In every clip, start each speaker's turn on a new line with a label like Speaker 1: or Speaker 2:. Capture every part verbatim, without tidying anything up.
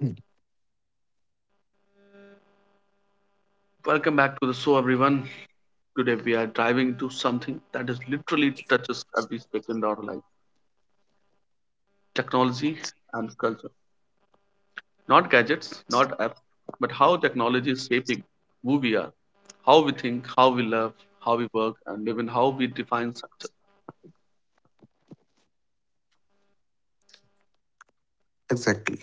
Speaker 1: Mm.
Speaker 2: Welcome back to the show, everyone. Today we are diving into something that is literally touches every second of our life: technology and culture. Not gadgets, not apps, but how technology is shaping who we are, how we think, how we love, how we work, and even how we define success.
Speaker 1: Exactly.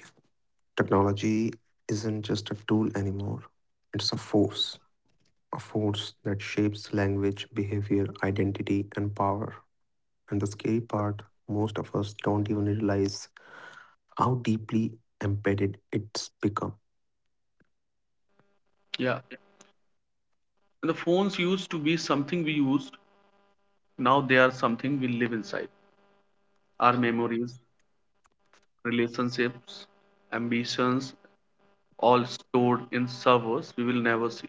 Speaker 1: Technology isn't just a tool anymore, it's a force, a force that shapes language, behavior, identity, and power. And the scary part, most of us don't even realize how deeply embedded it's become.
Speaker 2: Yeah, and the phones used to be something we used. Now they are something we live inside. Our memories, relationships, ambitions, all stored in servers we will never see.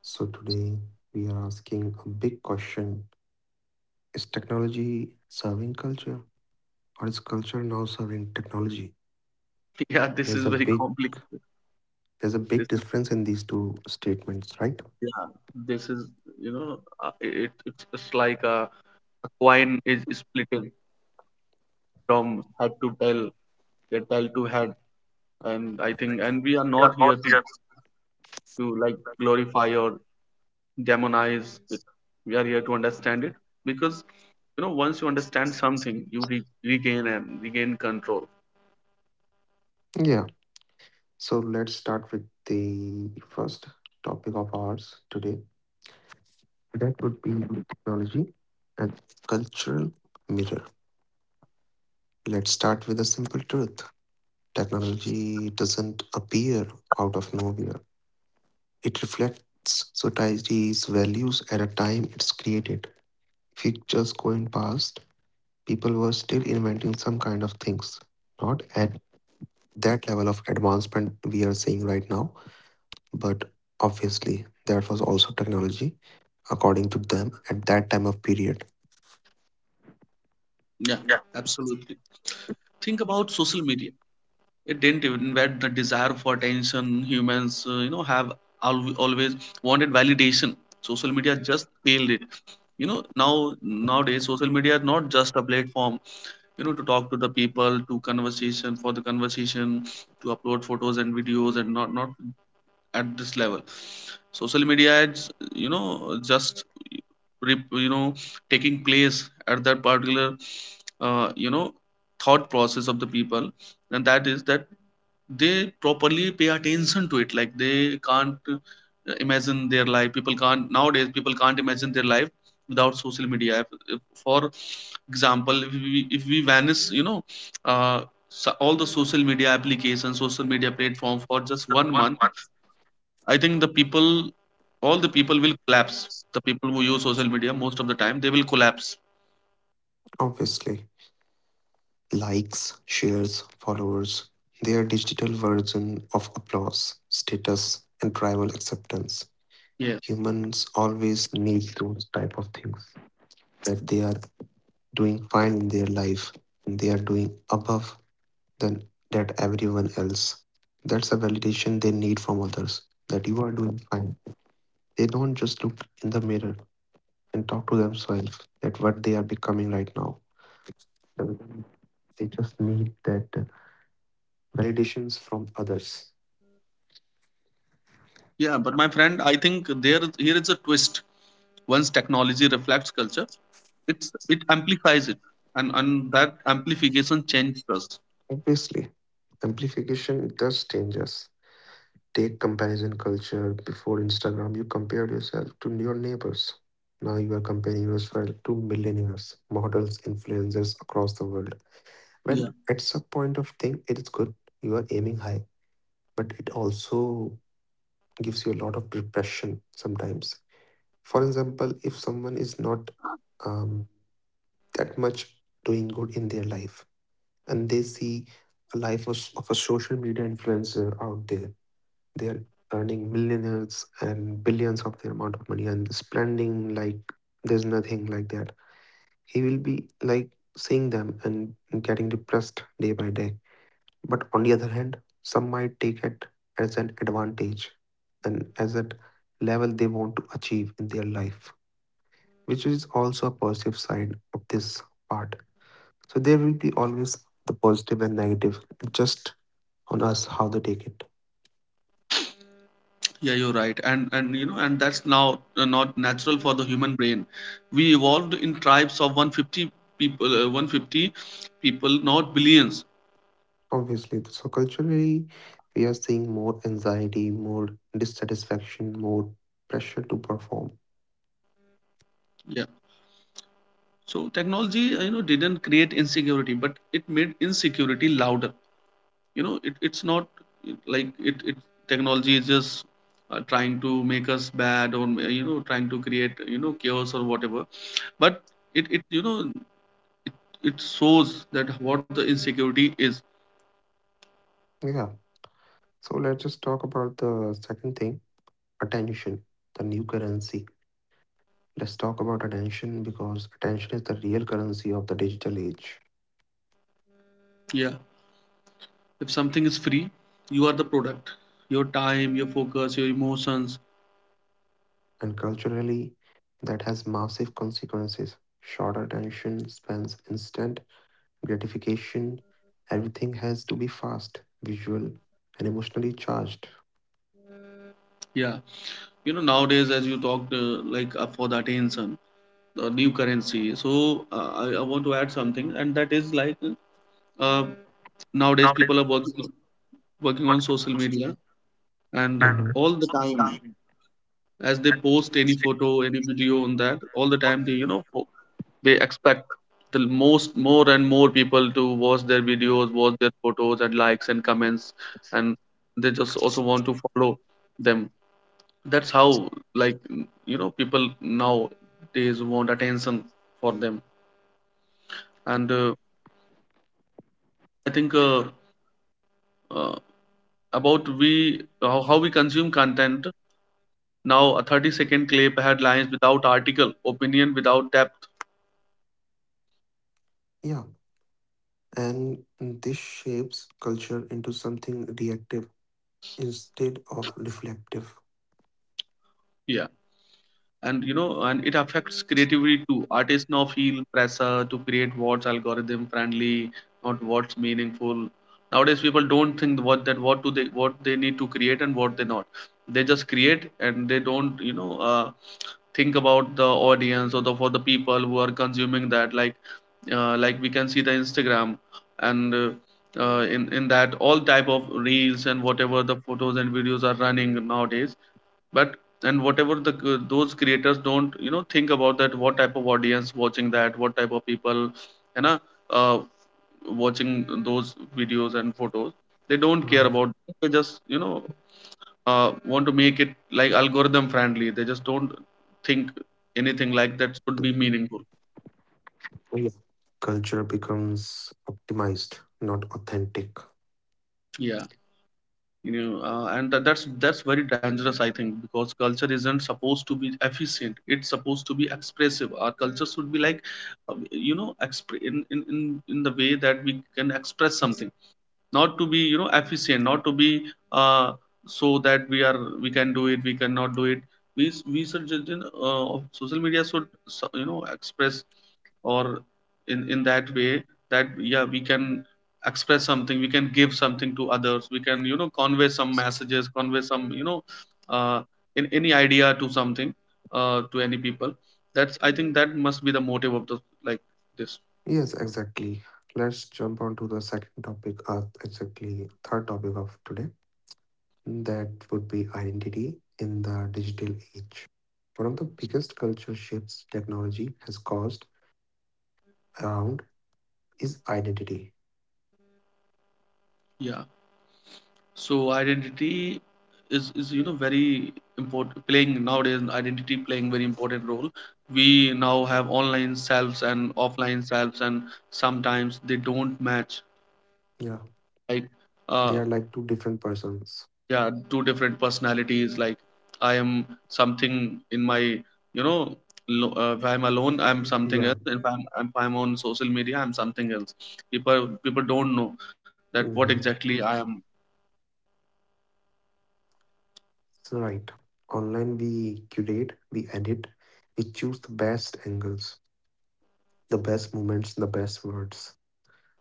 Speaker 1: So today, we are asking a big question: is technology serving culture, or is culture now serving technology?
Speaker 2: Yeah, this
Speaker 1: There's
Speaker 2: is
Speaker 1: a
Speaker 2: very
Speaker 1: big
Speaker 2: complicated.
Speaker 1: there's a big
Speaker 2: This is
Speaker 1: difference in these two statements, right?
Speaker 2: yeah. This is you know uh, it it's, just like a, a coin is splitting from head to tail, yeah, tail to head, and I think and we are not here to to like glorify or demonize it. We are here to understand it because you know once you understand something, you re- regain and regain control.
Speaker 1: Yeah. So let's start with the first topic of ours today. That would be technology and cultural mirror. Let's start with a simple truth. Technology doesn't appear out of nowhere. It reflects society's values at a time it's created. If you just go in past, people were still inventing some kind of things. Not at that level of advancement we are seeing right now, but obviously that was also technology according to them at that time of period.
Speaker 2: Yeah, absolutely. Think about social media. It didn't even that the desire for attention humans uh, you know have al- always wanted validation. Social media just failed it. You know, now nowadays social media is not just a platform, you know, to talk to the people, to conversation for the conversation, to upload photos and videos, and not not at this level. Social media is, you know, just rep- you know, taking place at that particular uh, you know thought process of the people, and that is that they properly pay attention to it, like they can't uh, imagine their life. People can't nowadays people can't imagine their life without social media. If, if- for example, if we, if we vanish, you know, uh, so all the social media applications, social media platform, for just one month, I think the people, all the people will collapse. The people who use social media most of the time, they will collapse.
Speaker 1: Obviously, likes, shares, followers, they are digital version of applause, status, and tribal acceptance.
Speaker 2: Yes.
Speaker 1: Humans always need those type of things, that they are doing fine in their life and they are doing above than that everyone else. That's a validation they need from others, that you are doing fine. They don't just look in the mirror and talk to themselves at what they are becoming right now. They just need that uh, validations from others.
Speaker 2: Yeah, but my friend, I think there here is a twist. Once technology reflects culture, it's it amplifies it, and and that amplification changed us.
Speaker 1: Obviously, amplification does change us. Take comparison culture. Before Instagram, you compared yourself to your neighbors. Now you are comparing yourself to millionaires, models, influencers across the world. Well,
Speaker 2: Yeah.
Speaker 1: at some point of thing, it is good. You are aiming high, but it also gives you a lot of depression sometimes. For example, if someone is not um, that much doing good in their life, and they see a life of, of a social media influencer out there. They are earning millionaires and billions of their amount of money and spending like there's nothing like that. He will be like seeing them and getting depressed day by day. But on the other hand, some might take it as an advantage and as a level they want to achieve in their life, which is also a positive side of this part. So there will be always the positive and negative. It just on us how they take it.
Speaker 2: Yeah, you're right, and and you know, and that's now uh, not natural for the human brain. We evolved in tribes of one hundred fifty people, uh, one hundred fifty people, not billions.
Speaker 1: Obviously, so culturally, we are seeing more anxiety, more dissatisfaction, more pressure to perform.
Speaker 2: Yeah, so technology, uh, you know, didn't create insecurity, but it made insecurity louder. You know, it, it's not like it, it technology is just uh, trying to make us bad, or you know, trying to create, you know, chaos or whatever, but it, it you know, it, it shows that what the insecurity is.
Speaker 1: Yeah. So let's just talk about the second thing, attention, the new currency. Let's talk about attention because attention is the real currency of the digital age.
Speaker 2: Yeah, if something is free, you are the product. Your time, your focus, your emotions.
Speaker 1: And culturally, that has massive consequences. Short attention spans, instant gratification. Everything has to be fast, visual, and emotionally charged.
Speaker 2: Yeah, you know, nowadays, as you talked uh, like uh, for the attention the new currency, so uh, I, I want to add something, and that is like, uh, nowadays people are working, working on social media, and
Speaker 1: Mhm.
Speaker 2: all the time as they post any photo, any video on that, all the time they, you know, fo- they expect the most, more and more people to watch their videos, watch their photos, and likes and comments, and they just also want to follow them. That's how, like, you know, people nowadays want attention for them. And uh, i think, uh, uh, about we how, how we consume content. Now a thirty second clip had lines without article, opinion without depth.
Speaker 1: Yeah, and this shapes culture into something reactive instead of reflective.
Speaker 2: Yeah. And you know, and it affects creativity too. Artists now feel pressure to create what's algorithm friendly, not what's meaningful. Nowadays people don't think what that what do they what they need to create and what they not. They just create and they don't, you know, uh, think about the audience or the for the people who are consuming that. Like uh, like we can see the Instagram, and uh, uh, in in that all type of reels and whatever the photos and videos are running nowadays, but and whatever the uh, those creators don't, you know, think about that what type of audience watching that, what type of people, you know, uh, watching those videos and photos. They don't care
Speaker 1: Right.
Speaker 2: about it. They just, you know, uh, want to make it like algorithm friendly. They just don't think anything like that should be meaningful.
Speaker 1: Yeah. Culture becomes optimized, not authentic.
Speaker 2: Yeah, you know, uh, and tha- that's that's very dangerous, I think, because culture isn't supposed to be efficient, it's supposed to be expressive. Our culture should be like, um, you know, expre- in, in in in the way that we can express something, not to be, you know, efficient, not to be uh, so that we are we can do it, we cannot do it. we we suggest in uh, of social media should so- you know, express, or in in that way that yeah we can express something, we can give something to others, we can, you know, convey some messages, convey some, you know, uh, in any idea to something uh, to any people. That's, I think, that must be the motive of the, like, this.
Speaker 1: Yes, exactly. Let's jump on to the second topic, uh, exactly third topic of today. That would be identity in the digital age. One of the biggest culture shifts technology has caused around is identity.
Speaker 2: Yeah. So identity is is you know, very important playing nowadays, identity playing very important role. We now have online selves and offline selves, and sometimes they don't match,
Speaker 1: Yeah,
Speaker 2: like
Speaker 1: they are
Speaker 2: uh
Speaker 1: like two different persons.
Speaker 2: yeah, two different personalities, like I am something in my, you know, lo- uh, if I'm alone I'm
Speaker 1: Yeah.
Speaker 2: something else, if I'm if I'm on social media I'm something else. People people don't know that what
Speaker 1: Hmm.
Speaker 2: exactly I am.
Speaker 1: It's right. Online, we curate, we edit, we choose the best angles, the best moments, the best words.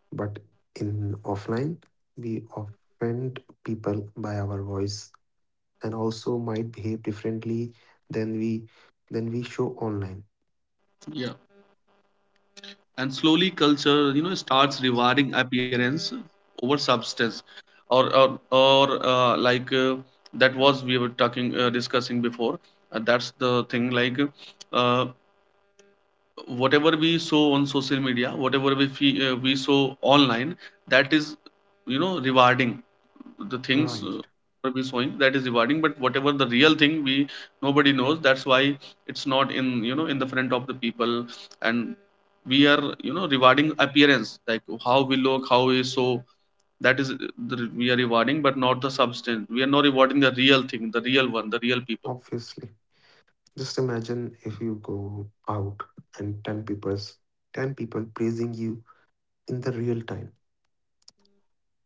Speaker 1: But in offline, we offend people by our voice and also might behave differently than we than we show online.
Speaker 2: Yeah, and slowly culture, you know, starts rewarding appearance over substance, or or, or uh, like uh, that was we were talking uh, discussing before, uh, that's the thing, like uh, whatever we saw on social media, whatever we fe- uh, we saw online, that is, you know, rewarding the things.
Speaker 1: Right,
Speaker 2: Uh, we showing that is rewarding, but whatever the real thing, we nobody knows, that's why it's not in, you know, in the front of the people. And we are, you know, rewarding appearance, like how we look, how we show, that is the, we are rewarding, but not the substance. We are not rewarding the real thing, the real one, the real people.
Speaker 1: obviously. Just imagine if you go out and 10 people's ten people praising you in the real time,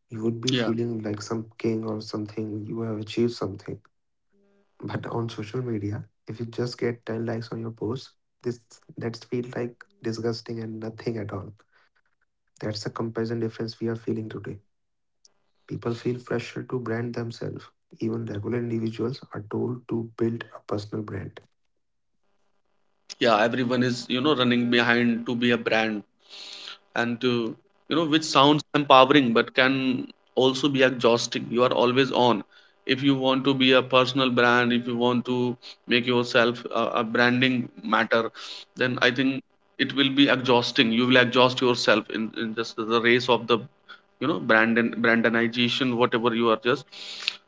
Speaker 1: you would be
Speaker 2: Yeah.
Speaker 1: feeling like some king or something. You have achieved something. But on social media, if you just get ten likes on your post, this that's feel like disgusting and nothing at all. That's the comparison difference we are feeling today. People feel pressure to brand themselves. Even regular individuals are told to build a personal brand.
Speaker 2: Yeah, everyone is, you know, running behind to be a brand, and to, you know, which sounds empowering but can also be exhausting. You are always on. If you want to be a personal brand, if you want to make yourself a, a branding matter, then I think it will be exhausting. You will exhaust yourself in, in just the race of the, you know, brand and brandonization, whatever you are just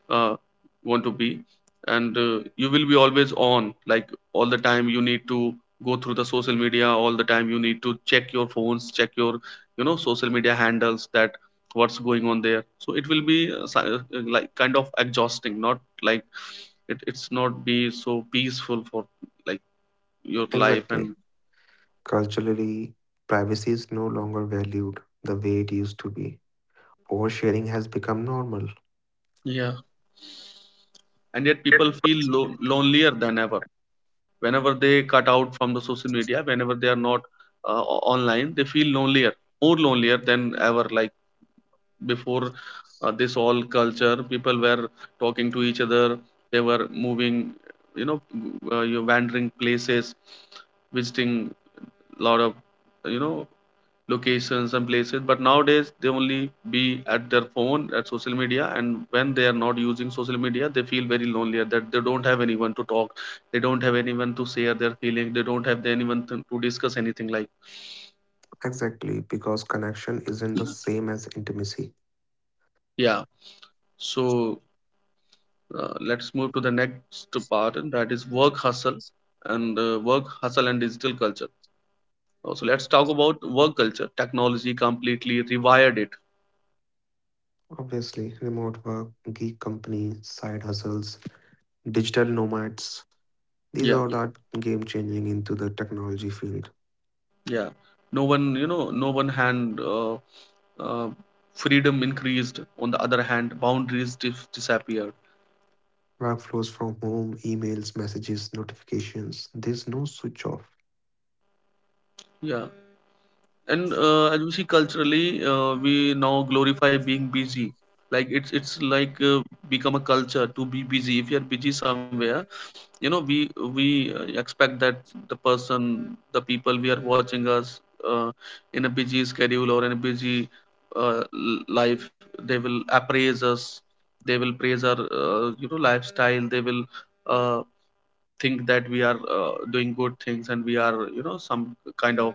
Speaker 2: uh, want to be. And uh, you will be always on, like, all the time you need to go through the social media, all the time you need to check your phones, check your, you know, social media handles, that what's going on there. So it will be uh, si- uh, like kind of exhausting, not like it, it's not be so peaceful for, like, your life.
Speaker 1: Exactly.
Speaker 2: And
Speaker 1: Culturally, privacy is no longer valued the way it used to be. Oversharing has become normal.
Speaker 2: yeah, and yet people feel lo- lonelier than ever, whenever they cut out from the social media, whenever they are not uh, o- online, they feel lonelier, more lonelier than ever, like before. Uh, this all culture people were talking to each other, they were moving, you know, uh, you're wandering places, visiting a lot of, you know, locations and places, but nowadays they only be at their phone at social media, and when they are not using social media they feel very lonely at that. They don't have anyone to talk, they don't have anyone to share their feelings, they don't have anyone to, to discuss anything, like.
Speaker 1: Exactly, because connection isn't the same as intimacy.
Speaker 2: Yeah, so uh, let's move to the next part, and that is work hustle, and uh, work hustle and digital culture. Uh, so let's talk about work culture. Technology completely rewired it.
Speaker 1: Obviously, remote work, gig companies, side hustles, digital nomads, these
Speaker 2: Yeah.
Speaker 1: all are game changing into the technology field.
Speaker 2: Yeah, no one, you know, no one hand, uh, uh, freedom increased, on the other hand boundaries dis- disappeared.
Speaker 1: Workflows from home, emails, messages, notifications, there's no switch off.
Speaker 2: Yeah, and uh, as we see culturally, uh, we now glorify being busy. Like it's it's like uh, become a culture to be busy. If you're busy somewhere, you know, we we uh, expect that the person, the people we are watching us uh, in a busy schedule or in a busy uh, l- life, they will appraise us, they will praise our, uh, you know, lifestyle, they will uh, think that we are, uh, doing good things, and we are, you know, some kind of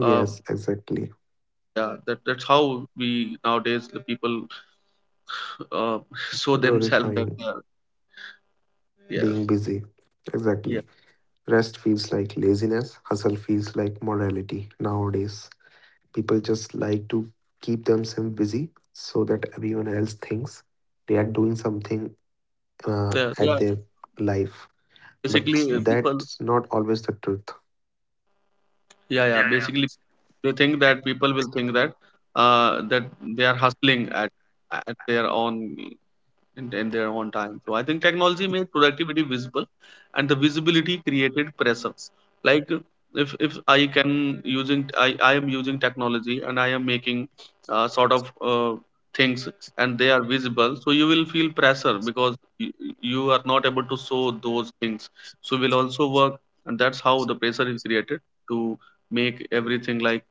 Speaker 2: uh,
Speaker 1: exactly.
Speaker 2: yeah, that that's how we nowadays the people uh, show themselves that
Speaker 1: Glorifying
Speaker 2: they are. Yeah.
Speaker 1: being busy. Exactly.
Speaker 2: Yeah,
Speaker 1: Rest feels like laziness, hustle feels like morality nowadays. People just like to keep themselves busy so that everyone else thinks they are doing something uh,
Speaker 2: they are,
Speaker 1: at
Speaker 2: they are
Speaker 1: their life. But
Speaker 2: basically, uh, people,
Speaker 1: that's not always the truth.
Speaker 2: yeah, yeah, basically they think that people will think that, uh, that they are hustling at at their own, in, in their own time. So I think technology made productivity visible, and the visibility created pressure. Like uh, if if I can using I I am using technology and I am making, uh, sort of, uh, things, and they are visible, so you will feel pressure because you, you are not able to show those things. So will also work, and that's how the pressure is created to make everything like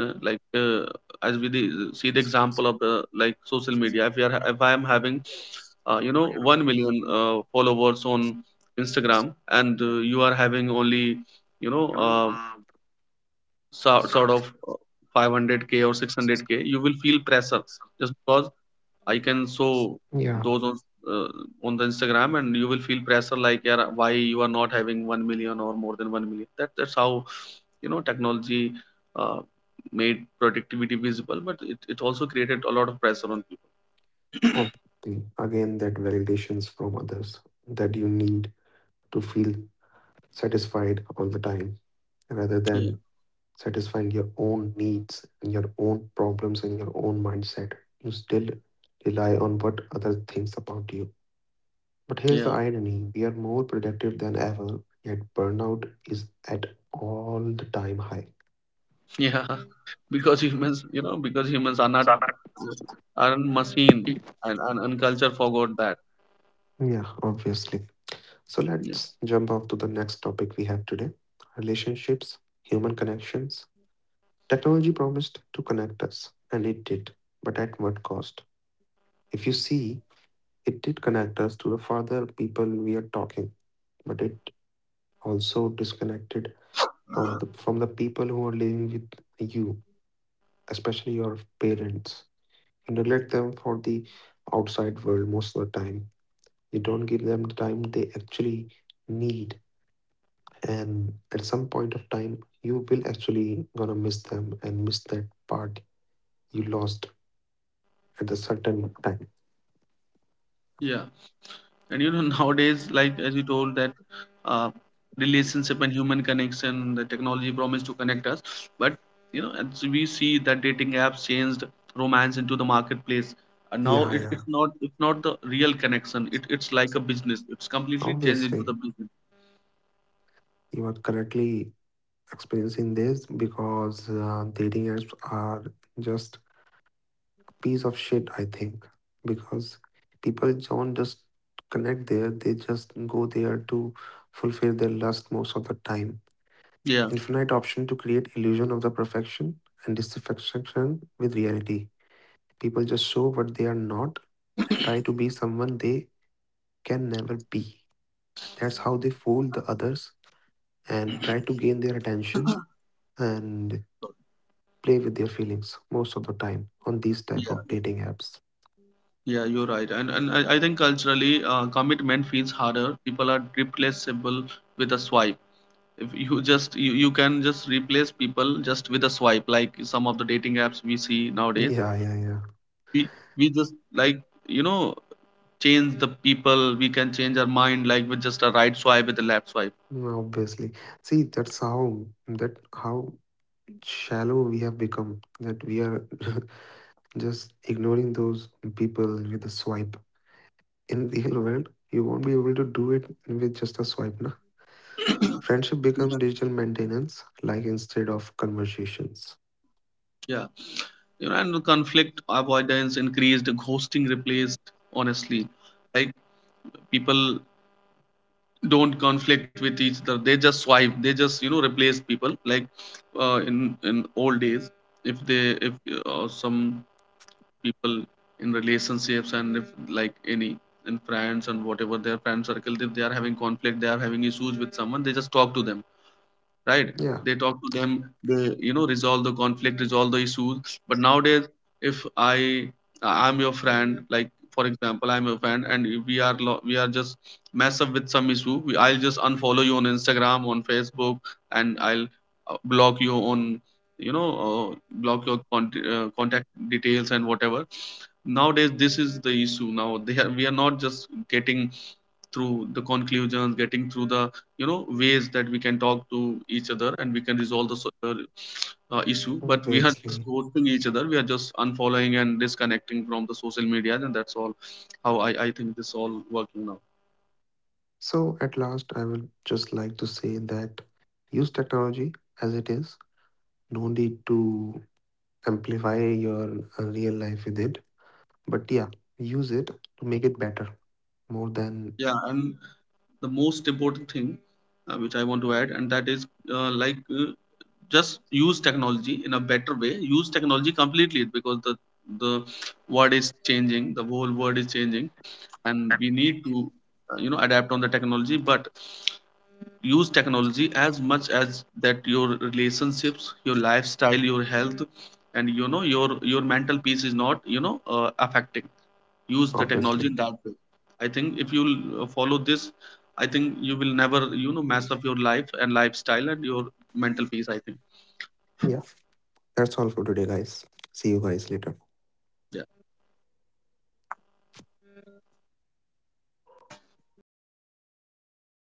Speaker 2: uh, like uh, as we the, see the example of the like social media. If you are if i am having uh, you know 1 million uh, followers on instagram, and uh, you are having only you know uh, so, sort of uh, five hundred k or six hundred k, you will feel pressure just because I can show
Speaker 1: Yeah,
Speaker 2: those on uh, on the instagram. And you will feel pressure like, yeah, why you are not having 1 million or more than 1 million. That that's how, you know, technology, uh, made productivity visible, but it, it also created a lot of pressure on
Speaker 1: obviously. Again, that validations from others that you need to feel satisfied all the time rather
Speaker 2: people.
Speaker 1: than
Speaker 2: Yeah,
Speaker 1: satisfying your own needs and your own problems and your own mindset. You still rely on what others thinks about you. But here's the
Speaker 2: yeah.
Speaker 1: irony, we are more productive than ever, yet burnout is at all the time high.
Speaker 2: Yeah, because humans, you know, because humans are not aren't machine, and and, and, culture forgot that.
Speaker 1: Yeah, obviously. So
Speaker 2: Yeah.
Speaker 1: let's jump off to the next topic we have today, relationships, human connections. Technology promised to connect us, and it did. But at what cost? If you see, it did connect us to the further people we are talking, but it also disconnected for the, from the people who are living with you, especially your parents. Neglect them for the outside world most of the time. You don't give them the time they actually need. And at some point of time, you will actually gonna miss them and miss that part you lost at the certain time.
Speaker 2: Yeah, and you know nowadays, like as you told that, uh, relationship and human connection, the technology promised to connect us, but you know, as we see that dating apps changed romance into the marketplace, and
Speaker 1: Yeah,
Speaker 2: now it,
Speaker 1: yeah.
Speaker 2: it's not it's not the real connection. It it's like a business. It's completely changed
Speaker 1: Obviously,
Speaker 2: into the business.
Speaker 1: you are correctly experiencing this because uh, dating apps are just piece of shit, I think, because people don't just connect there, they just go there to fulfill their lust most of the time.
Speaker 2: Yeah,
Speaker 1: Infinite option to create illusion of the perfection and dissatisfaction with reality. People just show what they are not and try to be someone they can never be. And that's how they fool the others and try to gain their attention and play with their feelings most of the time on these type of
Speaker 2: yeah.
Speaker 1: dating apps.
Speaker 2: Yeah, you're right. And and I, I think culturally, uh, commitment feels harder. People are replaceable with a swipe. If you just you, you can just replace people just with a swipe, like some of the dating apps we see nowadays.
Speaker 1: Yeah, yeah, yeah.
Speaker 2: We we just like, you know, change the people. We can change our mind like with just a right swipe with a left swipe.
Speaker 1: Mm, obviously. See, that's how, that how shallow we have become that we are just ignoring those people with a swipe. In the real world, you won't be able to do it with just a swipe, na?
Speaker 2: Yeah,
Speaker 1: Friendship become digital maintenance, like instead of conversations.
Speaker 2: you know, and the conflict avoidance increased, ghosting replaced. Honestly, like, people don't conflict with each other. They just swipe, they just, you know, replace people. Like uh, in in old days, if they if uh, some people in relationships, and if like any in friends and whatever their friend circle, if they are having conflict, they are having issues with someone, they just talk to them, right?
Speaker 1: Yeah,
Speaker 2: They talk to them, they, you know, resolve the conflict, resolve the issues. But nowadays, if i i'm your friend, like, for example, I'm your friend, and we are lo- we are just mess up with some issue, we, I'll just unfollow you on instagram, on facebook, and I'll uh, block you on, you know, uh, block your con- uh, contact details and whatever. Nowadays this is the issue. Now they are, we are not just getting through the conclusions, getting through the, you know, ways that we can talk to each other and we can resolve the so- uh, uh, issue. But we are
Speaker 1: obviously.
Speaker 2: just ghosting each other, we are just unfollowing and disconnecting from the social media, and that's all how i, I think this all working now.
Speaker 1: So at last, I will just like to say that use technology as it is. No need to amplify your uh, real life with it. But yeah, use it to make it better more than
Speaker 2: Yeah, and the most important thing, uh, which I want to add, and that is, uh, like uh, just use technology in a better way, use technology completely, because the the world is changing, the whole world is changing, and we need to, uh, you know, adapt on the technology. But use technology as much as that your relationships, your lifestyle, your health, and you know, your your mental peace is not, you know, uh, affecting. Use the
Speaker 1: obviously.
Speaker 2: technology in that way. I think if you uh, follow this, I think you will never, you know, mess up your life and lifestyle and your mental peace, I think.
Speaker 1: Yeah, that's all for today, guys. See you guys later.